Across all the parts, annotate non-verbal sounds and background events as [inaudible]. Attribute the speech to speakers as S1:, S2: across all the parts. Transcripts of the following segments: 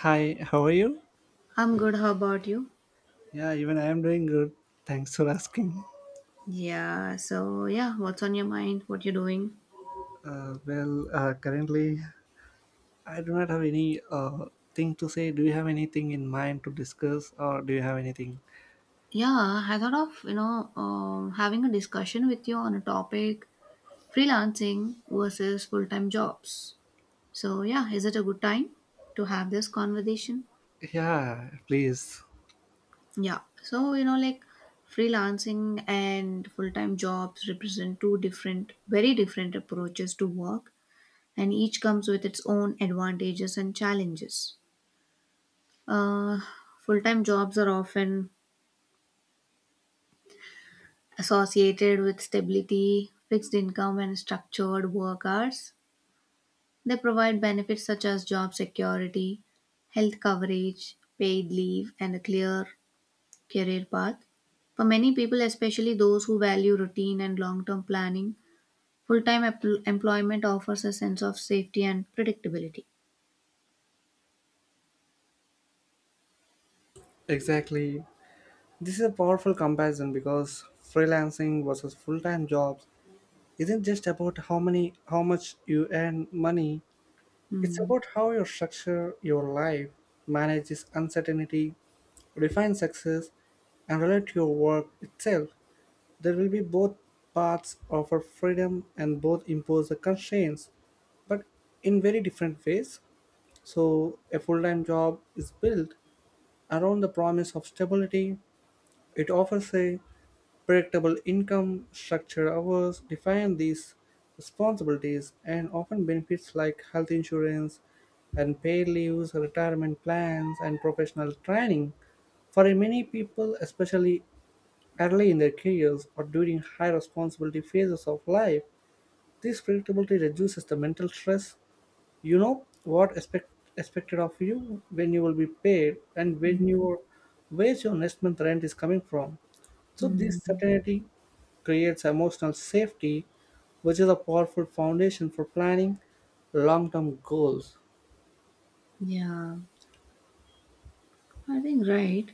S1: Hi, how are you?
S2: I'm good. How about you?
S1: Yeah, even I am doing good. Thanks for asking.
S2: Yeah. So yeah, what's on your mind? What you're doing?
S1: Currently, I do not have any thing to say. Do you have anything in mind to discuss, or do you have anything?
S2: Yeah, I thought of having a discussion with you on a topic: freelancing versus full-time jobs. So yeah, is it a good time to have this conversation?
S1: Yeah, please.
S2: Yeah. So like freelancing and full-time jobs represent two different, very different approaches to work, and each comes with its own advantages and challenges. Uh, Full-time jobs are often associated with stability, fixed income, and structured work hours. They provide benefits such as job security, health coverage, paid leave, and a clear career path. For many people, especially those who value routine and long term planning, full time employment offers a sense of safety and predictability.
S1: Exactly. This is a powerful comparison because freelancing versus full-time jobs isn't just about how much you earn money. It's
S2: Hmm.
S1: about how you structure your life, manage this uncertainty, define success, and relate to your work itself. There will be both paths offer freedom and both impose the constraints, but in very different ways. So a full-time job is built around the promise of stability. It offers a predictable income, structured hours, define these responsibilities, and often benefits like health insurance and paid leaves, retirement plans, and professional training. For many people, especially early in their careers or during high responsibility phases of life, this predictability reduces the mental stress. You know expected of you, when you will be paid, and when
S2: Hmm.
S1: your wage your next month rent is coming from. So this
S2: mm,
S1: certainty creates emotional safety, which is a powerful foundation for planning long-term goals.
S2: yeah, I think right.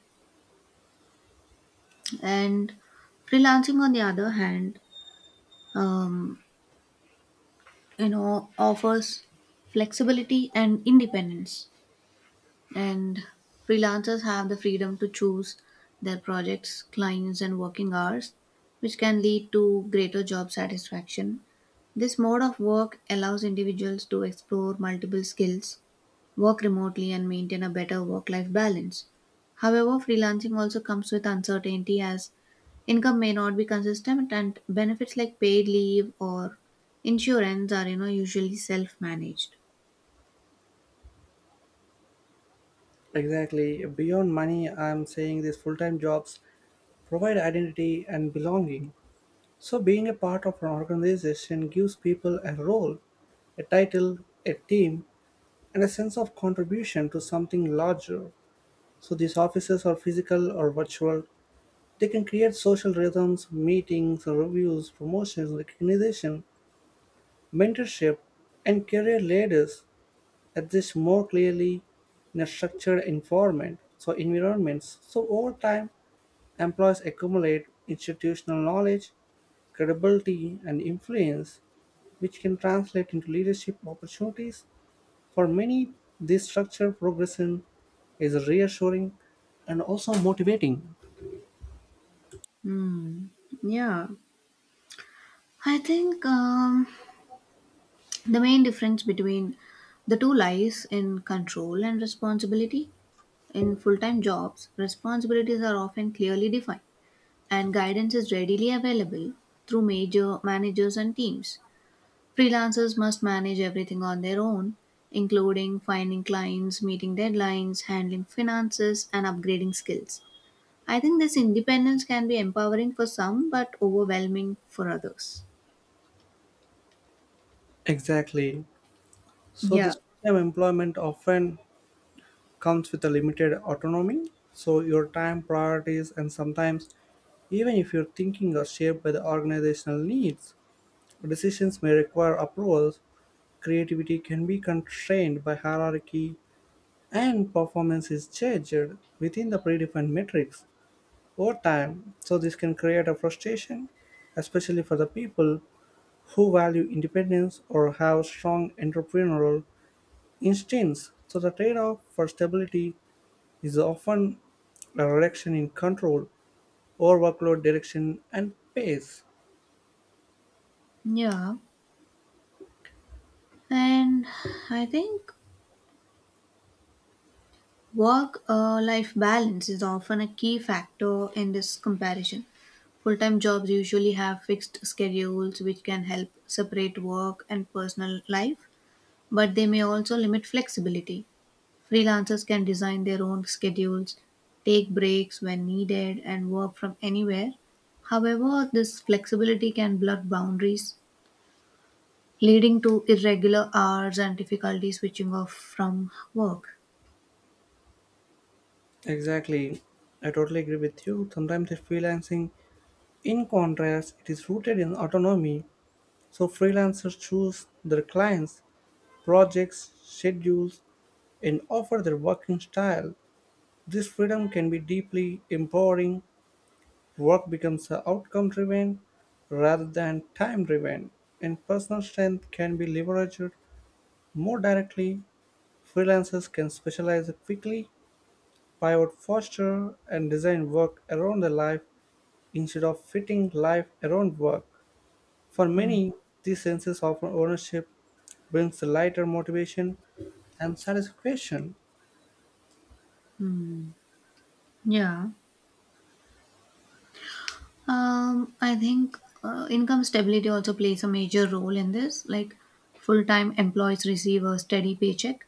S2: And freelancing, on the other hand, um, offers flexibility and independence, and freelancers have the freedom to choose their projects, clients, and working hours, which can lead to greater job satisfaction. This mode of work allows individuals to explore multiple skills, work remotely, and maintain a better work life balance. However, freelancing also comes with uncertainty, as income may not be consistent and benefits like paid leave or insurance are usually self managed.
S1: Exactly. Beyond money, I'm saying these full-time jobs provide identity and belonging. So being a part of an organization gives people a role, a title, a team, and a sense of contribution to something larger. So these offices are physical or virtual. They can create social rhythms, meetings, reviews, promotions, recognition, mentorship, and career ladders exist more clearly in a structured environment. So, environments. So, over time, employees accumulate institutional knowledge, credibility, and influence which can translate into leadership opportunities. For many, this structured progression is reassuring and also motivating.
S2: Hmm. Yeah. I think the main difference between the two lies in control and responsibility. In full time jobs, responsibilities are often clearly defined, and guidance is readily available through major managers and teams. Freelancers must manage everything on their own, including finding clients, meeting deadlines, handling finances, and upgrading skills. I think this independence can be empowering for some but overwhelming for others.
S1: Exactly. So
S2: Yeah.
S1: this full-time employment often comes with a limited autonomy. So your time, priorities, and sometimes even if your thinking are shaped by the organizational needs, decisions may require approvals. Creativity can be constrained by hierarchy, and performance is judged within the predefined metrics over time. So this can create a frustration, especially for the people who value independence or have strong entrepreneurial instincts. So the trade off for stability is often a reduction in control over workload direction and pace.
S2: Yeah. And I think work life balance is often a key factor in this comparison. Full time jobs usually have fixed schedules which can help separate work and personal life, but they may also limit flexibility. Freelancers can design their own schedules, take breaks when needed, and work from anywhere. However, this flexibility can blur boundaries, leading to irregular hours and difficulty switching off from work.
S1: Exactly. I totally agree with you. Sometimes the freelancing, in contrast, it is rooted in autonomy. So freelancers choose their clients, projects, schedules, and offer their working style. This freedom can be deeply empowering. Work becomes outcome driven rather than time driven, and personal strength can be leveraged more directly. Freelancers can specialize quickly, pivot faster, and design work around their life instead of fitting life around work. For
S2: Hmm.
S1: many, this sense of ownership brings lighter motivation and satisfaction.
S2: Hmm. Yeah. I think income stability also plays a major role in this. Like full time employees receive a steady paycheck,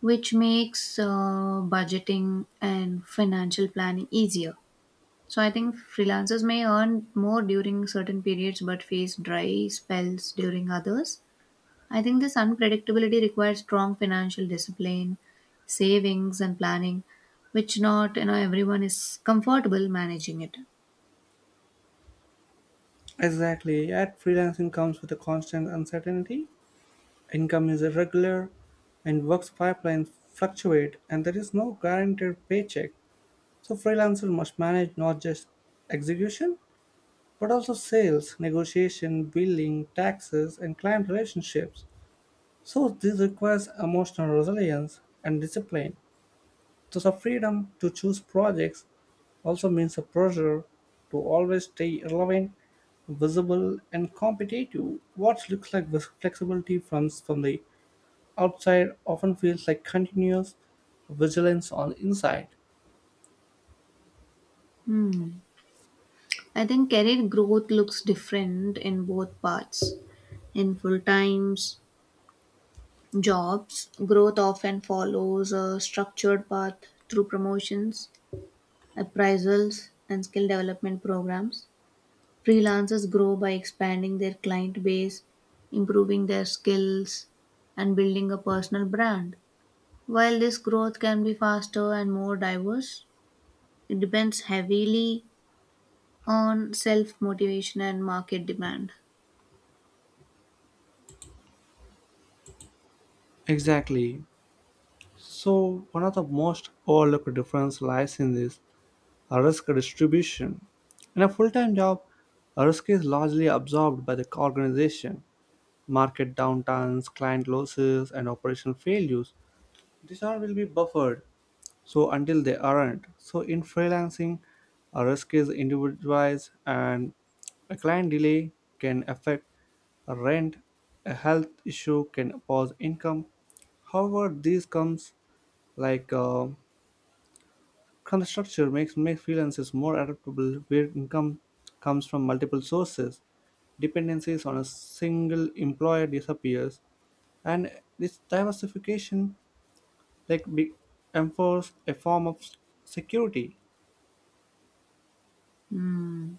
S2: which makes budgeting and financial planning easier. So I think freelancers may earn more during certain periods but face dry spells during others. I think this unpredictability requires strong financial discipline, savings and planning, which not everyone is comfortable managing it.
S1: Exactly, yet freelancing comes with a constant uncertainty. Income is irregular and work's pipelines fluctuate and there is no guaranteed paycheck. So freelancer must manage not just execution but also sales, negotiation, billing, taxes and client relationships. So this requires emotional resilience and discipline. So the freedom to choose projects also means a pressure to always stay relevant, visible, and competitive. What looks like this flexibility from the outside often feels like continuous vigilance on inside.
S2: Hmm. I think career growth looks different in both parts. In full times jobs, growth often follows a structured path through promotions, appraisals, and skill development programs. Freelancers grow by expanding their client base, improving their skills, and building a personal brand. While this growth can be faster and more diverse, it depends heavily on self motivation and market demand.
S1: Exactly. So, one of the most overlooked difference lies in this risk distribution. In a full-time job, risk is largely absorbed by the organization. Market downturns, client losses, and operation failures. These all will be buffered. So until they aren't, so in freelancing, a risk is individualized and a client delay can affect a rent, a health issue can pause income. However, these comes like uh, kind of structure makes freelancers more adaptable where income comes from multiple sources. Dependencies on a single employer disappears, and this diversification like be, enforce a form of security.
S2: Hmm.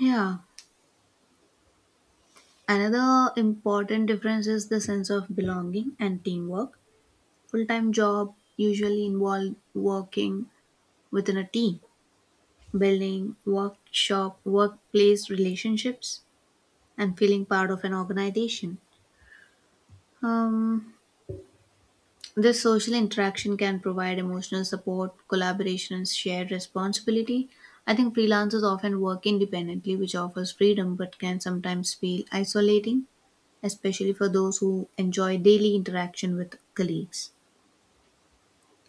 S2: Yeah. Another important difference is the sense of belonging and teamwork. Full time job usually involve working within a team, building workplace relationships, and feeling part of an organization. Um, this social interaction can provide emotional support, collaboration, and shared responsibility. I think freelancers often work independently, which offers freedom but can sometimes feel isolating, especially for those who enjoy daily interaction with colleagues.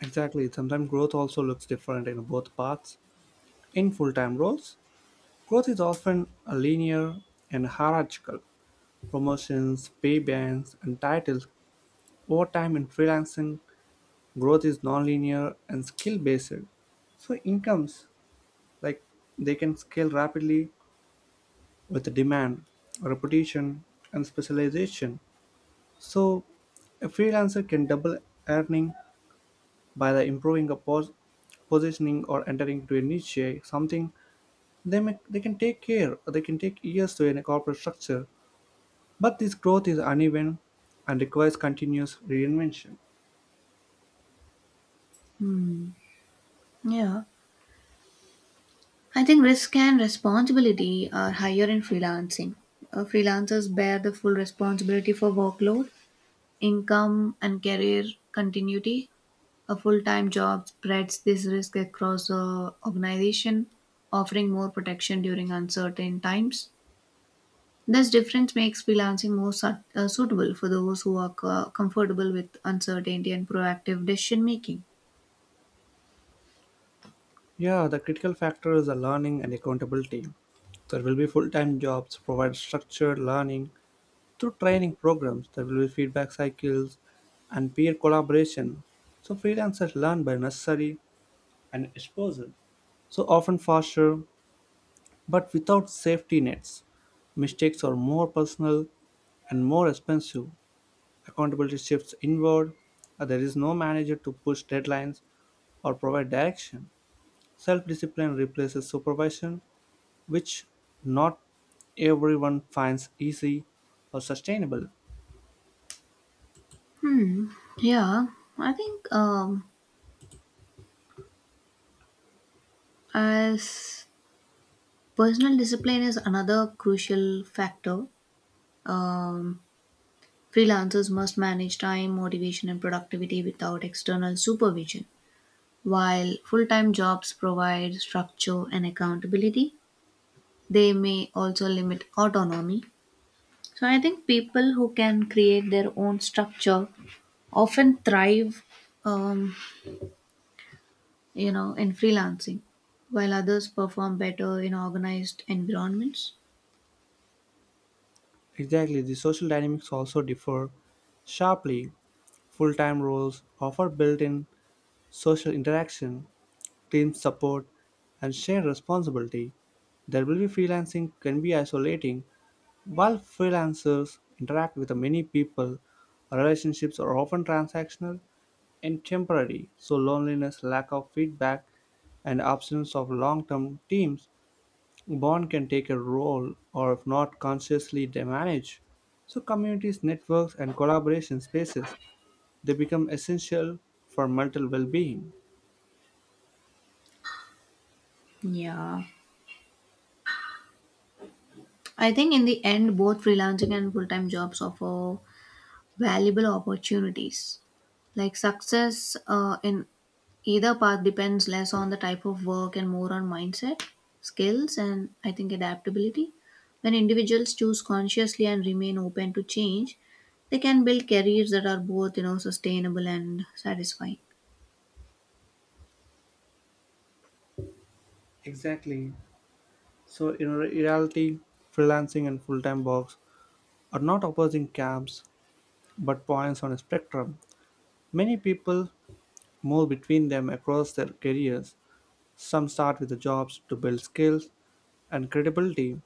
S1: Exactly. Sometimes growth also looks different in both paths. In full time roles, growth is often a linear and hierarchical. Promotions, pay bands, and titles. Over time in freelancing, growth is non-linear and skill based. So incomes like they can scale rapidly with demand, reputation, and specialization. So a freelancer can double earning by the improving a positioning or entering into a niche, something they can take care, they can take years to in a corporate structure, but this growth is uneven and requires continuous reinvention.
S2: Hmm. Yeah. I think risk and responsibility are higher in freelancing. Freelancers bear the full responsibility for workload, income, and career continuity. A full-time job spreads this risk across the organization, offering more protection during uncertain times. This difference makes freelancing more suitable for those who are comfortable with uncertainty and proactive decision making.
S1: Yeah, the critical factors are learning and accountability. There will be full time jobs, provide structured learning through training programs, there will be feedback cycles and peer collaboration. So freelancers learn by necessary and exposure, so often faster but without safety nets. Mistakes are more personal and more expensive. Accountability shifts inward. There is no manager to push deadlines or provide direction. Self discipline replaces supervision, which not everyone finds easy or sustainable.
S2: Hmm. Yeah, I think as personal discipline is another crucial factor. Um, Freelancers must manage time, motivation, and productivity without external supervision. While full time jobs provide structure and accountability, they may also limit autonomy. So, I think people who can create their own structure often thrive, um, in freelancing, while others perform better in organized environments.
S1: Exactly, the social dynamics also differ sharply. Full time roles offer built in social interaction, team support, and shared responsibility. There will be freelancing can be isolating. While freelancers interact with many people, relationships are often transactional and temporary, so loneliness, lack of feedback, and absence of long term teams, bond can take a role or if not consciously managed. So communities, networks, and collaboration spaces they become essential for mental well being.
S2: Yeah, I think in the end both freelancing and full-time jobs offer valuable opportunities. Like success in either path depends less on the type of work and more on mindset, skills, and I think adaptability. When individuals choose consciously and remain open to change, they can build careers that are both sustainable and satisfying.
S1: Exactly. So, in reality, freelancing and full time works are not opposing camps but points on a spectrum. Many people move between them across their careers. Some start with the jobs to build skills and credibility,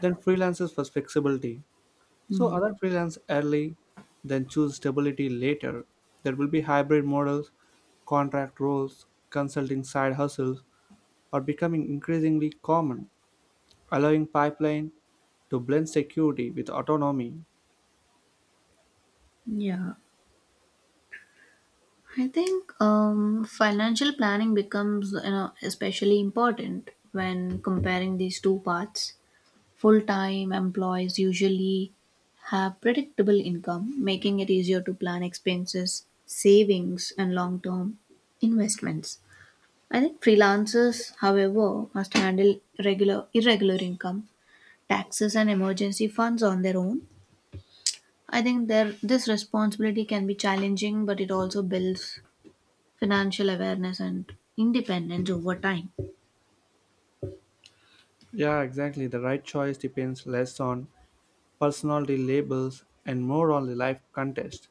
S1: then freelancers for flexibility. So
S2: Hmm.
S1: other freelance early, then choose stability later. There will be hybrid models, contract roles, consulting side hustles are becoming increasingly common, allowing pipeline to blend security with autonomy.
S2: Yeah, I think financial planning becomes especially important when comparing these two paths. Full time employees usually have predictable income, making it easier to plan expenses, savings, and long term investments. I think freelancers, however, must handle regular, irregular income, taxes, and emergency funds on their own. I think there, this responsibility can be challenging, but it also builds financial awareness and independence over time.
S1: Yeah, exactly. The right choice depends less on personality labels, and more on the life context.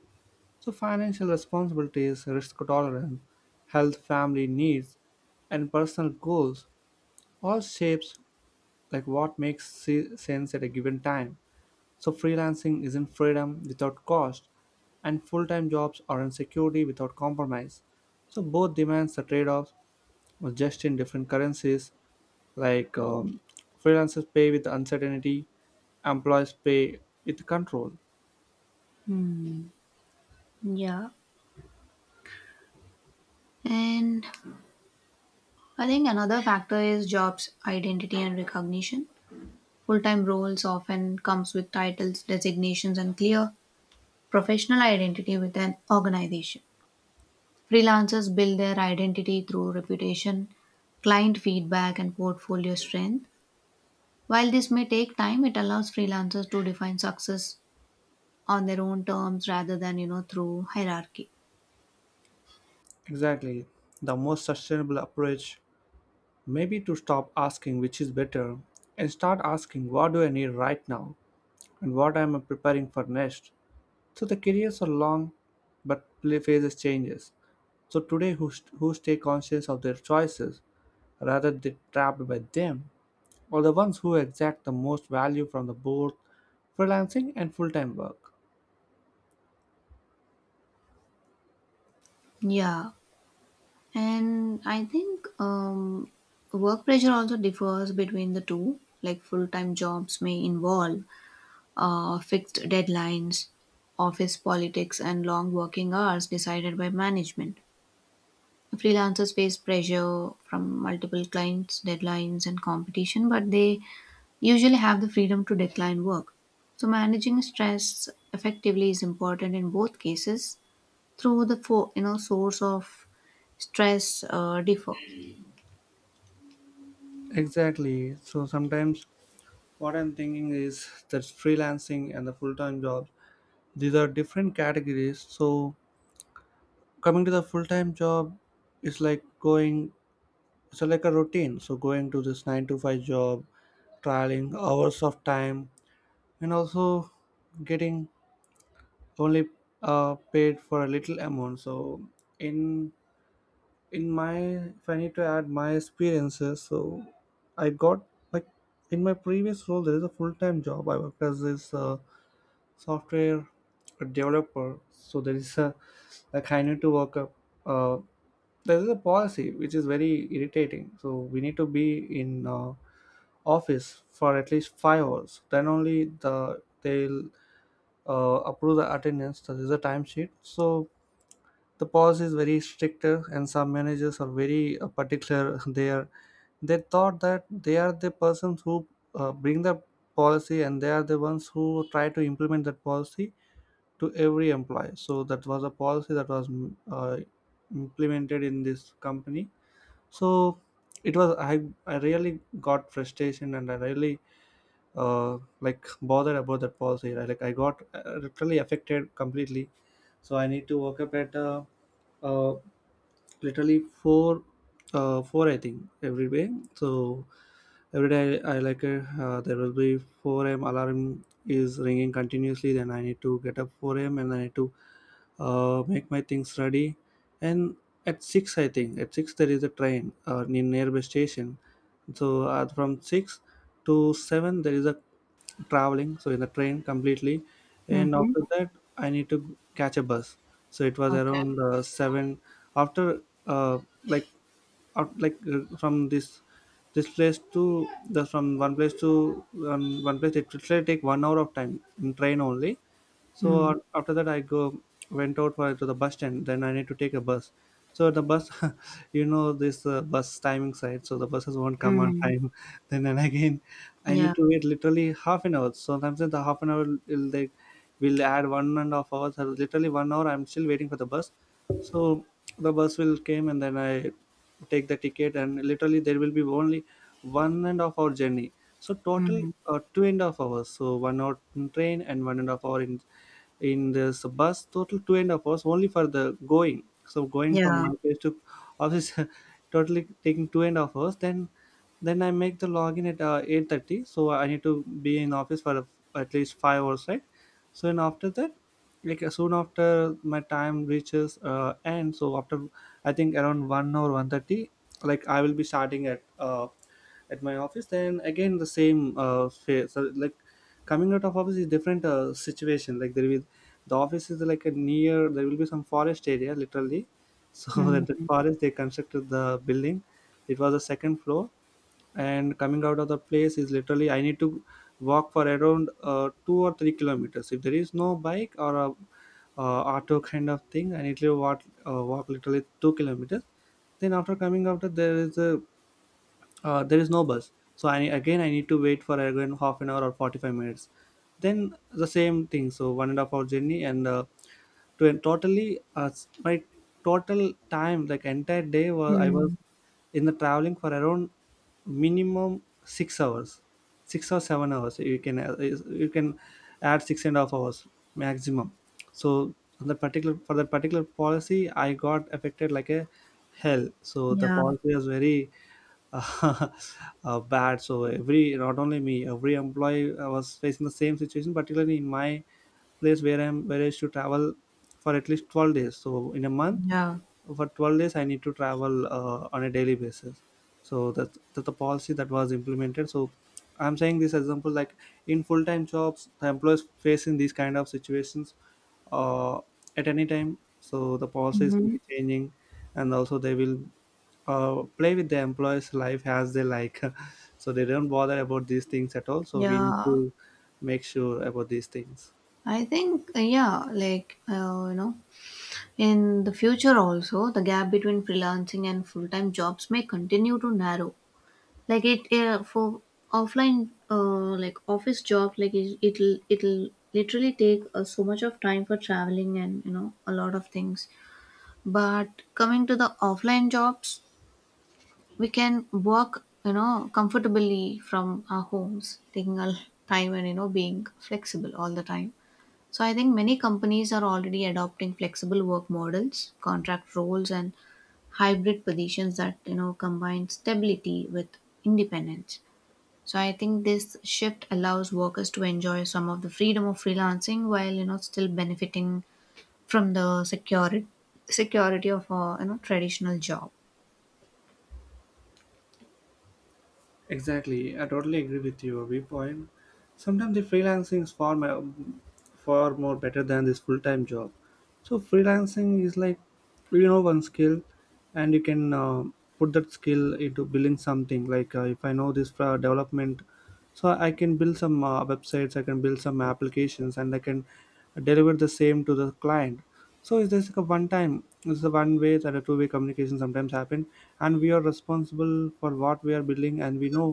S1: So financial responsibilities, risk tolerance, health, family needs, and personal goals all shapes like what makes sense at a given time. So freelancing isn't freedom without cost, and full-time jobs aren't security without compromise. So both demands the trade-offs, but just in different currencies. Like um, Freelancers pay with uncertainty, employees pay with control.
S2: Hmm. Yeah. And I think another factor is jobs, identity and recognition. Full-time roles often comes with titles, designations and clear professional identity with an organization. Freelancers build their identity through reputation, client feedback and portfolio strength. While this may take time, it allows freelancers to define success on their own terms rather than, you know, through hierarchy.
S1: Exactly. The most sustainable approach may be to stop asking which is better and start asking what do I need right now and what am I preparing for next. So the careers are long but play phases changes. So today who stay conscious of their choices rather than trapped by them are the ones who exact the most value from the both freelancing and full-time work.
S2: Yeah, and I think work pressure also differs between the two. Like full time jobs may involve fixed deadlines, office politics, and long working hours decided by management. Freelancers face pressure from multiple clients, deadlines, and competition, but they usually have the freedom to decline work. So managing stress effectively is important in both cases, through the four, you know, source of stress differ.
S1: Exactly. So sometimes what I'm thinking is that freelancing and the full-time job these are different categories so coming to the full-time job it's like going it's like a routine, so going to this 9 to 5 job, trialing hours of time and also getting only paid for a little amount. So in in my, if I need to add my experiences, so I got like in my previous role, there is a full-time job, I worked as this software developer. So there is a like I need to work up uh, there is a policy which is very irritating, so we need to be in office for at least 5 hours, then only they'll approve the attendance, that is a timesheet. So the policy is very stricter and some managers are very particular [laughs] they thought that they are the persons who bring the policy and they are the ones who try to implement that policy to every employee. So that was a policy that was implemented in this company. So it was I really got frustration and I really bothered about that policy. I got literally affected completely. So I need to wake up at uh, literally four, I think, every day. So every day I like it. There will be 4 a.m. alarm is ringing continuously. Then I need to get up 4 a.m. and I need to make my things ready. And at 6, I think at 6 there is a train nearby station. So from 6 to 7 there is a traveling, so in the train completely, and
S2: Mhm.
S1: after that I need to catch a bus. So it was
S2: Okay.
S1: around 7. After like out like from this place to the, from one place to one place, it will take 1 hour of time in train only.
S2: Mm.
S1: So after that, I go went out for, to the bus stand. Then I need to take a bus. So the bus, [laughs] you know, this bus timing side. So the buses won't come on
S2: Mm.
S1: time. [laughs] Then and again, I
S2: Yeah.
S1: need to wait literally half an hour. Sometimes in the half an hour, will add one and a half hours. Or literally 1 hour, I'm still waiting for the bus. So the bus will came and then I take the ticket and literally there will be only one and a half hour journey. So total
S2: Mm.
S1: two and a half hours. So 1 hour in train and 1.5 hours in this bus, total 2.5 hours only for the going. So going from
S2: Yeah.
S1: my place to office, [laughs] totally taking 2.5 hours. Then I make the login at 8:30, so I need to be in office for at least 5 hours, right? So and after that, like soon after my time reaches end, so after I think around 1 or 1:30, like I will be starting at my office. Then again the same phase. So like coming out of office is different situation. Like there will be, the office is like a near, there will be some forest area literally. So [laughs] that the
S2: Mm.
S1: forest, they constructed the building. It was a second floor, and coming out of the place is literally I need to walk for around 2 or 3 kilometers. If there is no bike or a auto kind of thing, I need to walk, walk literally 2 kilometers. Then after coming out, there is a there is no bus, so I again I need to wait for again half an hour or 45 minutes. Then the same thing, so 1.5 hours journey and to a totally my total time, like entire day, was I was
S2: Mm.
S1: in the traveling for around minimum 6 hours. 6 or 7 hours, you can you can add 6.5 hours maximum. So on the particular, for that particular policy, I got affected like a hell. So the
S2: Yeah,
S1: policy was very [laughs] bad. So every, not only me, every employee was facing the same situation, particularly in my place where I used to travel for at least 12 days. So in a month,
S2: yeah,
S1: for 12 days, I need to travel on a daily basis. So that's the policy that was implemented. So I'm saying this example, like in full-time jobs, the employees facing these kind of situations uh, at any time. So the policies will
S2: hmm,
S1: be changing, and also they will play with the employees' life as they like. [laughs] So they don't bother about these things at all. So we need
S2: yeah.
S1: to make sure about these things.
S2: I think, yeah, like, you know, in the future also, the gap between freelancing and full-time jobs may continue to narrow. Like it, for offline, like office job, like it, it'll, it'll literally take so much of time for traveling and, you know, a lot of things. But coming to the offline jobs, we can work comfortably from our homes, taking our time and being flexible all the time. So I think many companies are already adopting flexible work models, contract roles, and hybrid positions that combine stability with independence. So I think this shift allows workers to enjoy some of the freedom of freelancing while still benefiting from the security of a traditional job.
S1: Exactly, I totally agree with your viewpoint. Sometimes the freelancing is far more, far more better than this full time job. So freelancing is like, you know, one skill, and you can put that skill into building something. Like if I know this for development, so I can build some websites, I can build some applications, and I can deliver the same to the client. So is this like a one time? It's a one way, that a two-way communication sometimes happen, and we are responsible for what we are building, and we know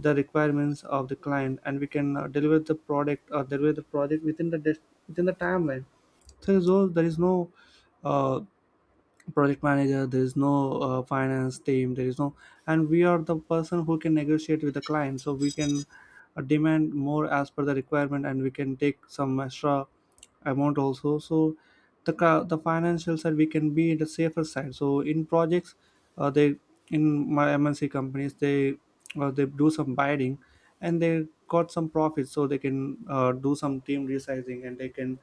S1: the requirements of the client, and we can deliver the product or deliver the project within the within the timeline. So there is no uh, project manager, there is no finance team, there is no, and we are the person who can negotiate with the client. So we can demand more as per the requirement, and we can take some extra amount also. So the financial side, we can be in the safer side. So in projects, they in my mnc companies, they do some bidding and they got some profits, so they can do some team resizing, and they can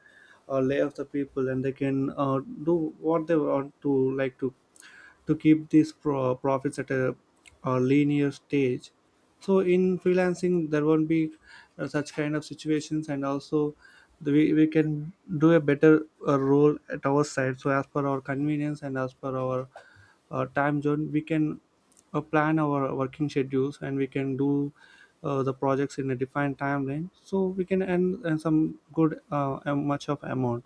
S1: lay off the people, and they can do what they want to, like to keep these profits at a linear stage. So in freelancing there won't be such kind of situations, and also we can do a better role at our side, so as per our convenience and as per our time zone, we can plan our working schedules, and we can do the projects in a defined timeline, so we can earn some good much of amount.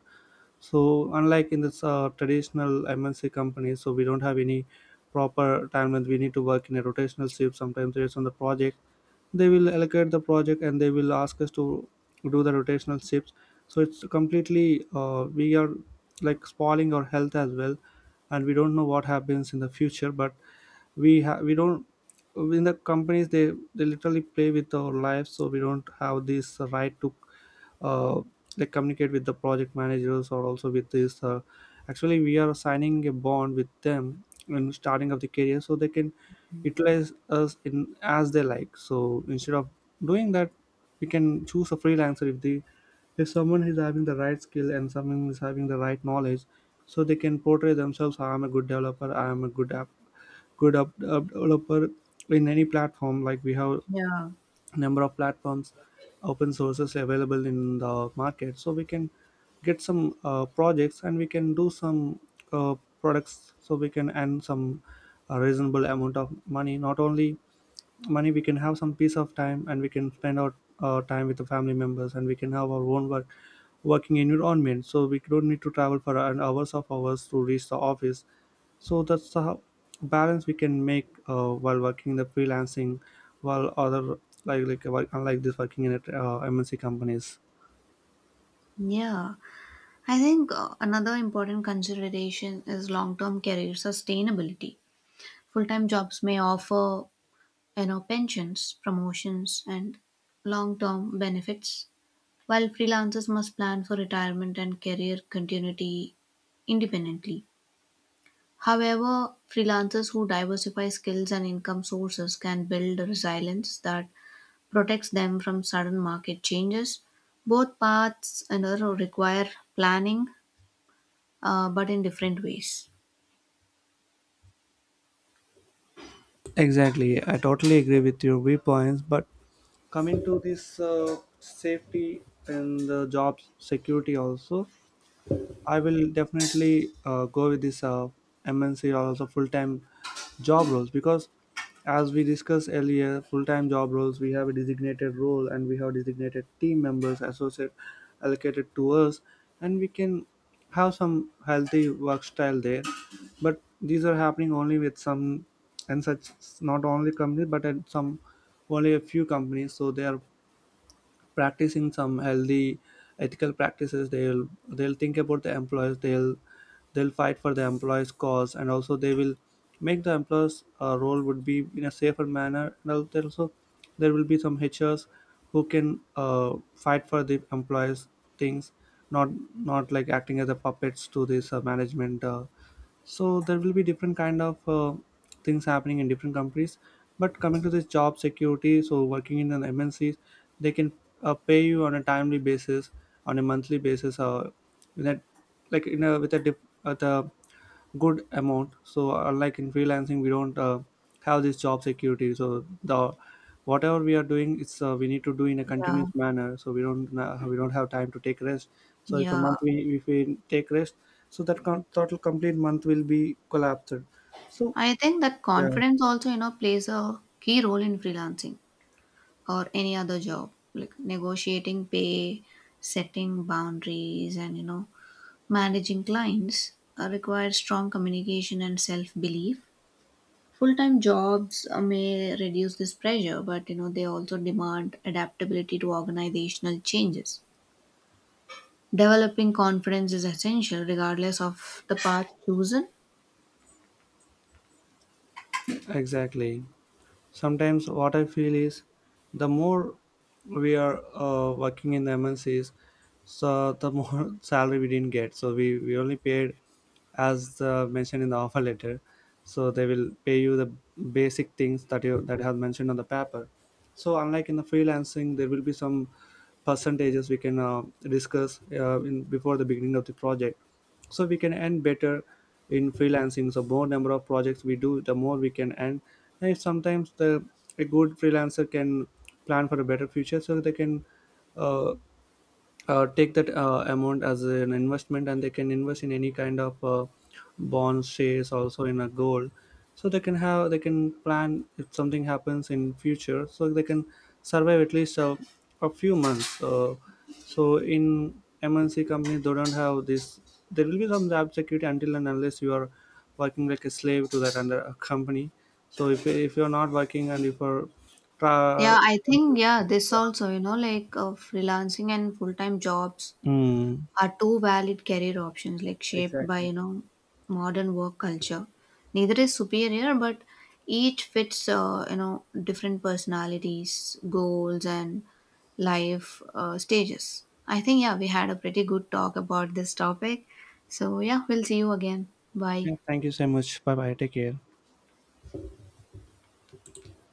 S1: So unlike in this traditional MNC companies, so we don't have any proper time, and we need to work in a rotational shift. Sometimes based on the project, they will allocate the project, and they will ask us to do the rotational shifts. So it's completely we are like spoiling our health as well, and we don't know what happens in the future. But we don't, in the companies, they literally play with our lives, so we don't have this right to uh, like communicate with the project managers or also with this actually we are signing a bond with them in starting of the career, so they can utilize us in as they like. So instead of doing that, we can choose a freelancer if the, if someone is having the right skill and someone is having the right knowledge, so they can portray themselves. I am a good developer, I am a good app, app developer in any platform. Like we have
S2: Yeah.
S1: number of platforms, open sources available in the market, so we can get some projects, and we can do some uh, products, so we can earn some reasonable amount of money. Not only money, we can have some piece of time, and we can spend our time with the family members, and we can have our own working environment, so we don't need to travel for an hours of hours to reach the office. So that's the balance we can make while working in the freelancing, while other, unlike this working in at mnc companies.
S2: Yeah, I think another important consideration is long-term career sustainability. Full-time jobs may offer, you know, pensions, promotions, and long-term benefits, while freelancers must plan for retirement and career continuity independently. However, freelancers who diversify skills and income sources can build a resilience that protects them from sudden market changes. Both paths, you know, require planning, but in different ways.
S1: Exactly, I totally agree with your viewpoints, but coming to this safety and the job security also, I will definitely go with this MNC or also full time job roles. Because as we discussed earlier, full time job roles, we have a designated role, and we have designated team members associate allocated to us, and we can have some healthy work style there. But these are happening only with some, and such not only companies, but at some, only a few companies. So they are practicing some healthy ethical practices. They'll think about the employees, they'll fight for the employees cause, and also they will make the employees role would be in a safer manner, and there also there will be some hrs who can uh, fight for the employees things. Not, not like acting as a puppets to this management. So there will be different kind of things happening in different companies. But coming to this job security, so working in an mncs, they can pay you on a timely basis, on a monthly basis, or in a, like in a with a the good amount. So unlike in freelancing, we don't have this job security. So the whatever we are doing, it's we need to do in a
S2: Yeah,
S1: continuous manner, so we don't have time to take rest. So if a
S2: yeah.
S1: month we, if we take rest, so that total complete month will be collapsed. So
S2: I think that
S1: yeah,
S2: confidence also, you know, plays a key role in freelancing or any other job, like negotiating pay, setting boundaries, and, you know, managing clients requires strong communication and self belief. Full time jobs may reduce this pressure, but, you know, they also demand adaptability to organizational changes. Developing confidence is essential regardless of the path chosen.
S1: exactly. Sometimes what I feel is the more we are working in the MNCs, so the more [laughs] salary we didn't get. So we only paid as mentioned in the offer letter. So they will pay you the basic things that you that have mentioned on the paper. So unlike in the freelancing, there will be some percentages we can discuss in before the beginning of the project. So we can end better in freelancing, so more number of projects we do, the more we can end. And if sometimes the, a good freelancer can plan for a better future, so they can uh, take that amount as an investment, and they can invest in any kind of bonds, shares, also in a gold. So they can have, they can plan if something happens in future, so they can survive at least a few months. So in mnc companies they don't have this, there will be some job security until and unless you are working like a slave to that under a company. So if you're not working and if you're tra-
S2: Yeah, I think, yeah, this also, you know, like freelancing and full time jobs
S1: Mm.
S2: are two valid career options, like shaped by, you know, modern work culture. Neither is superior, but each fits, you know, different personalities, goals, and life stages. I think, yeah, we had a pretty good talk about this topic. So, yeah, we'll see you again. Bye.
S1: Yeah, thank you so much, bye bye, take care.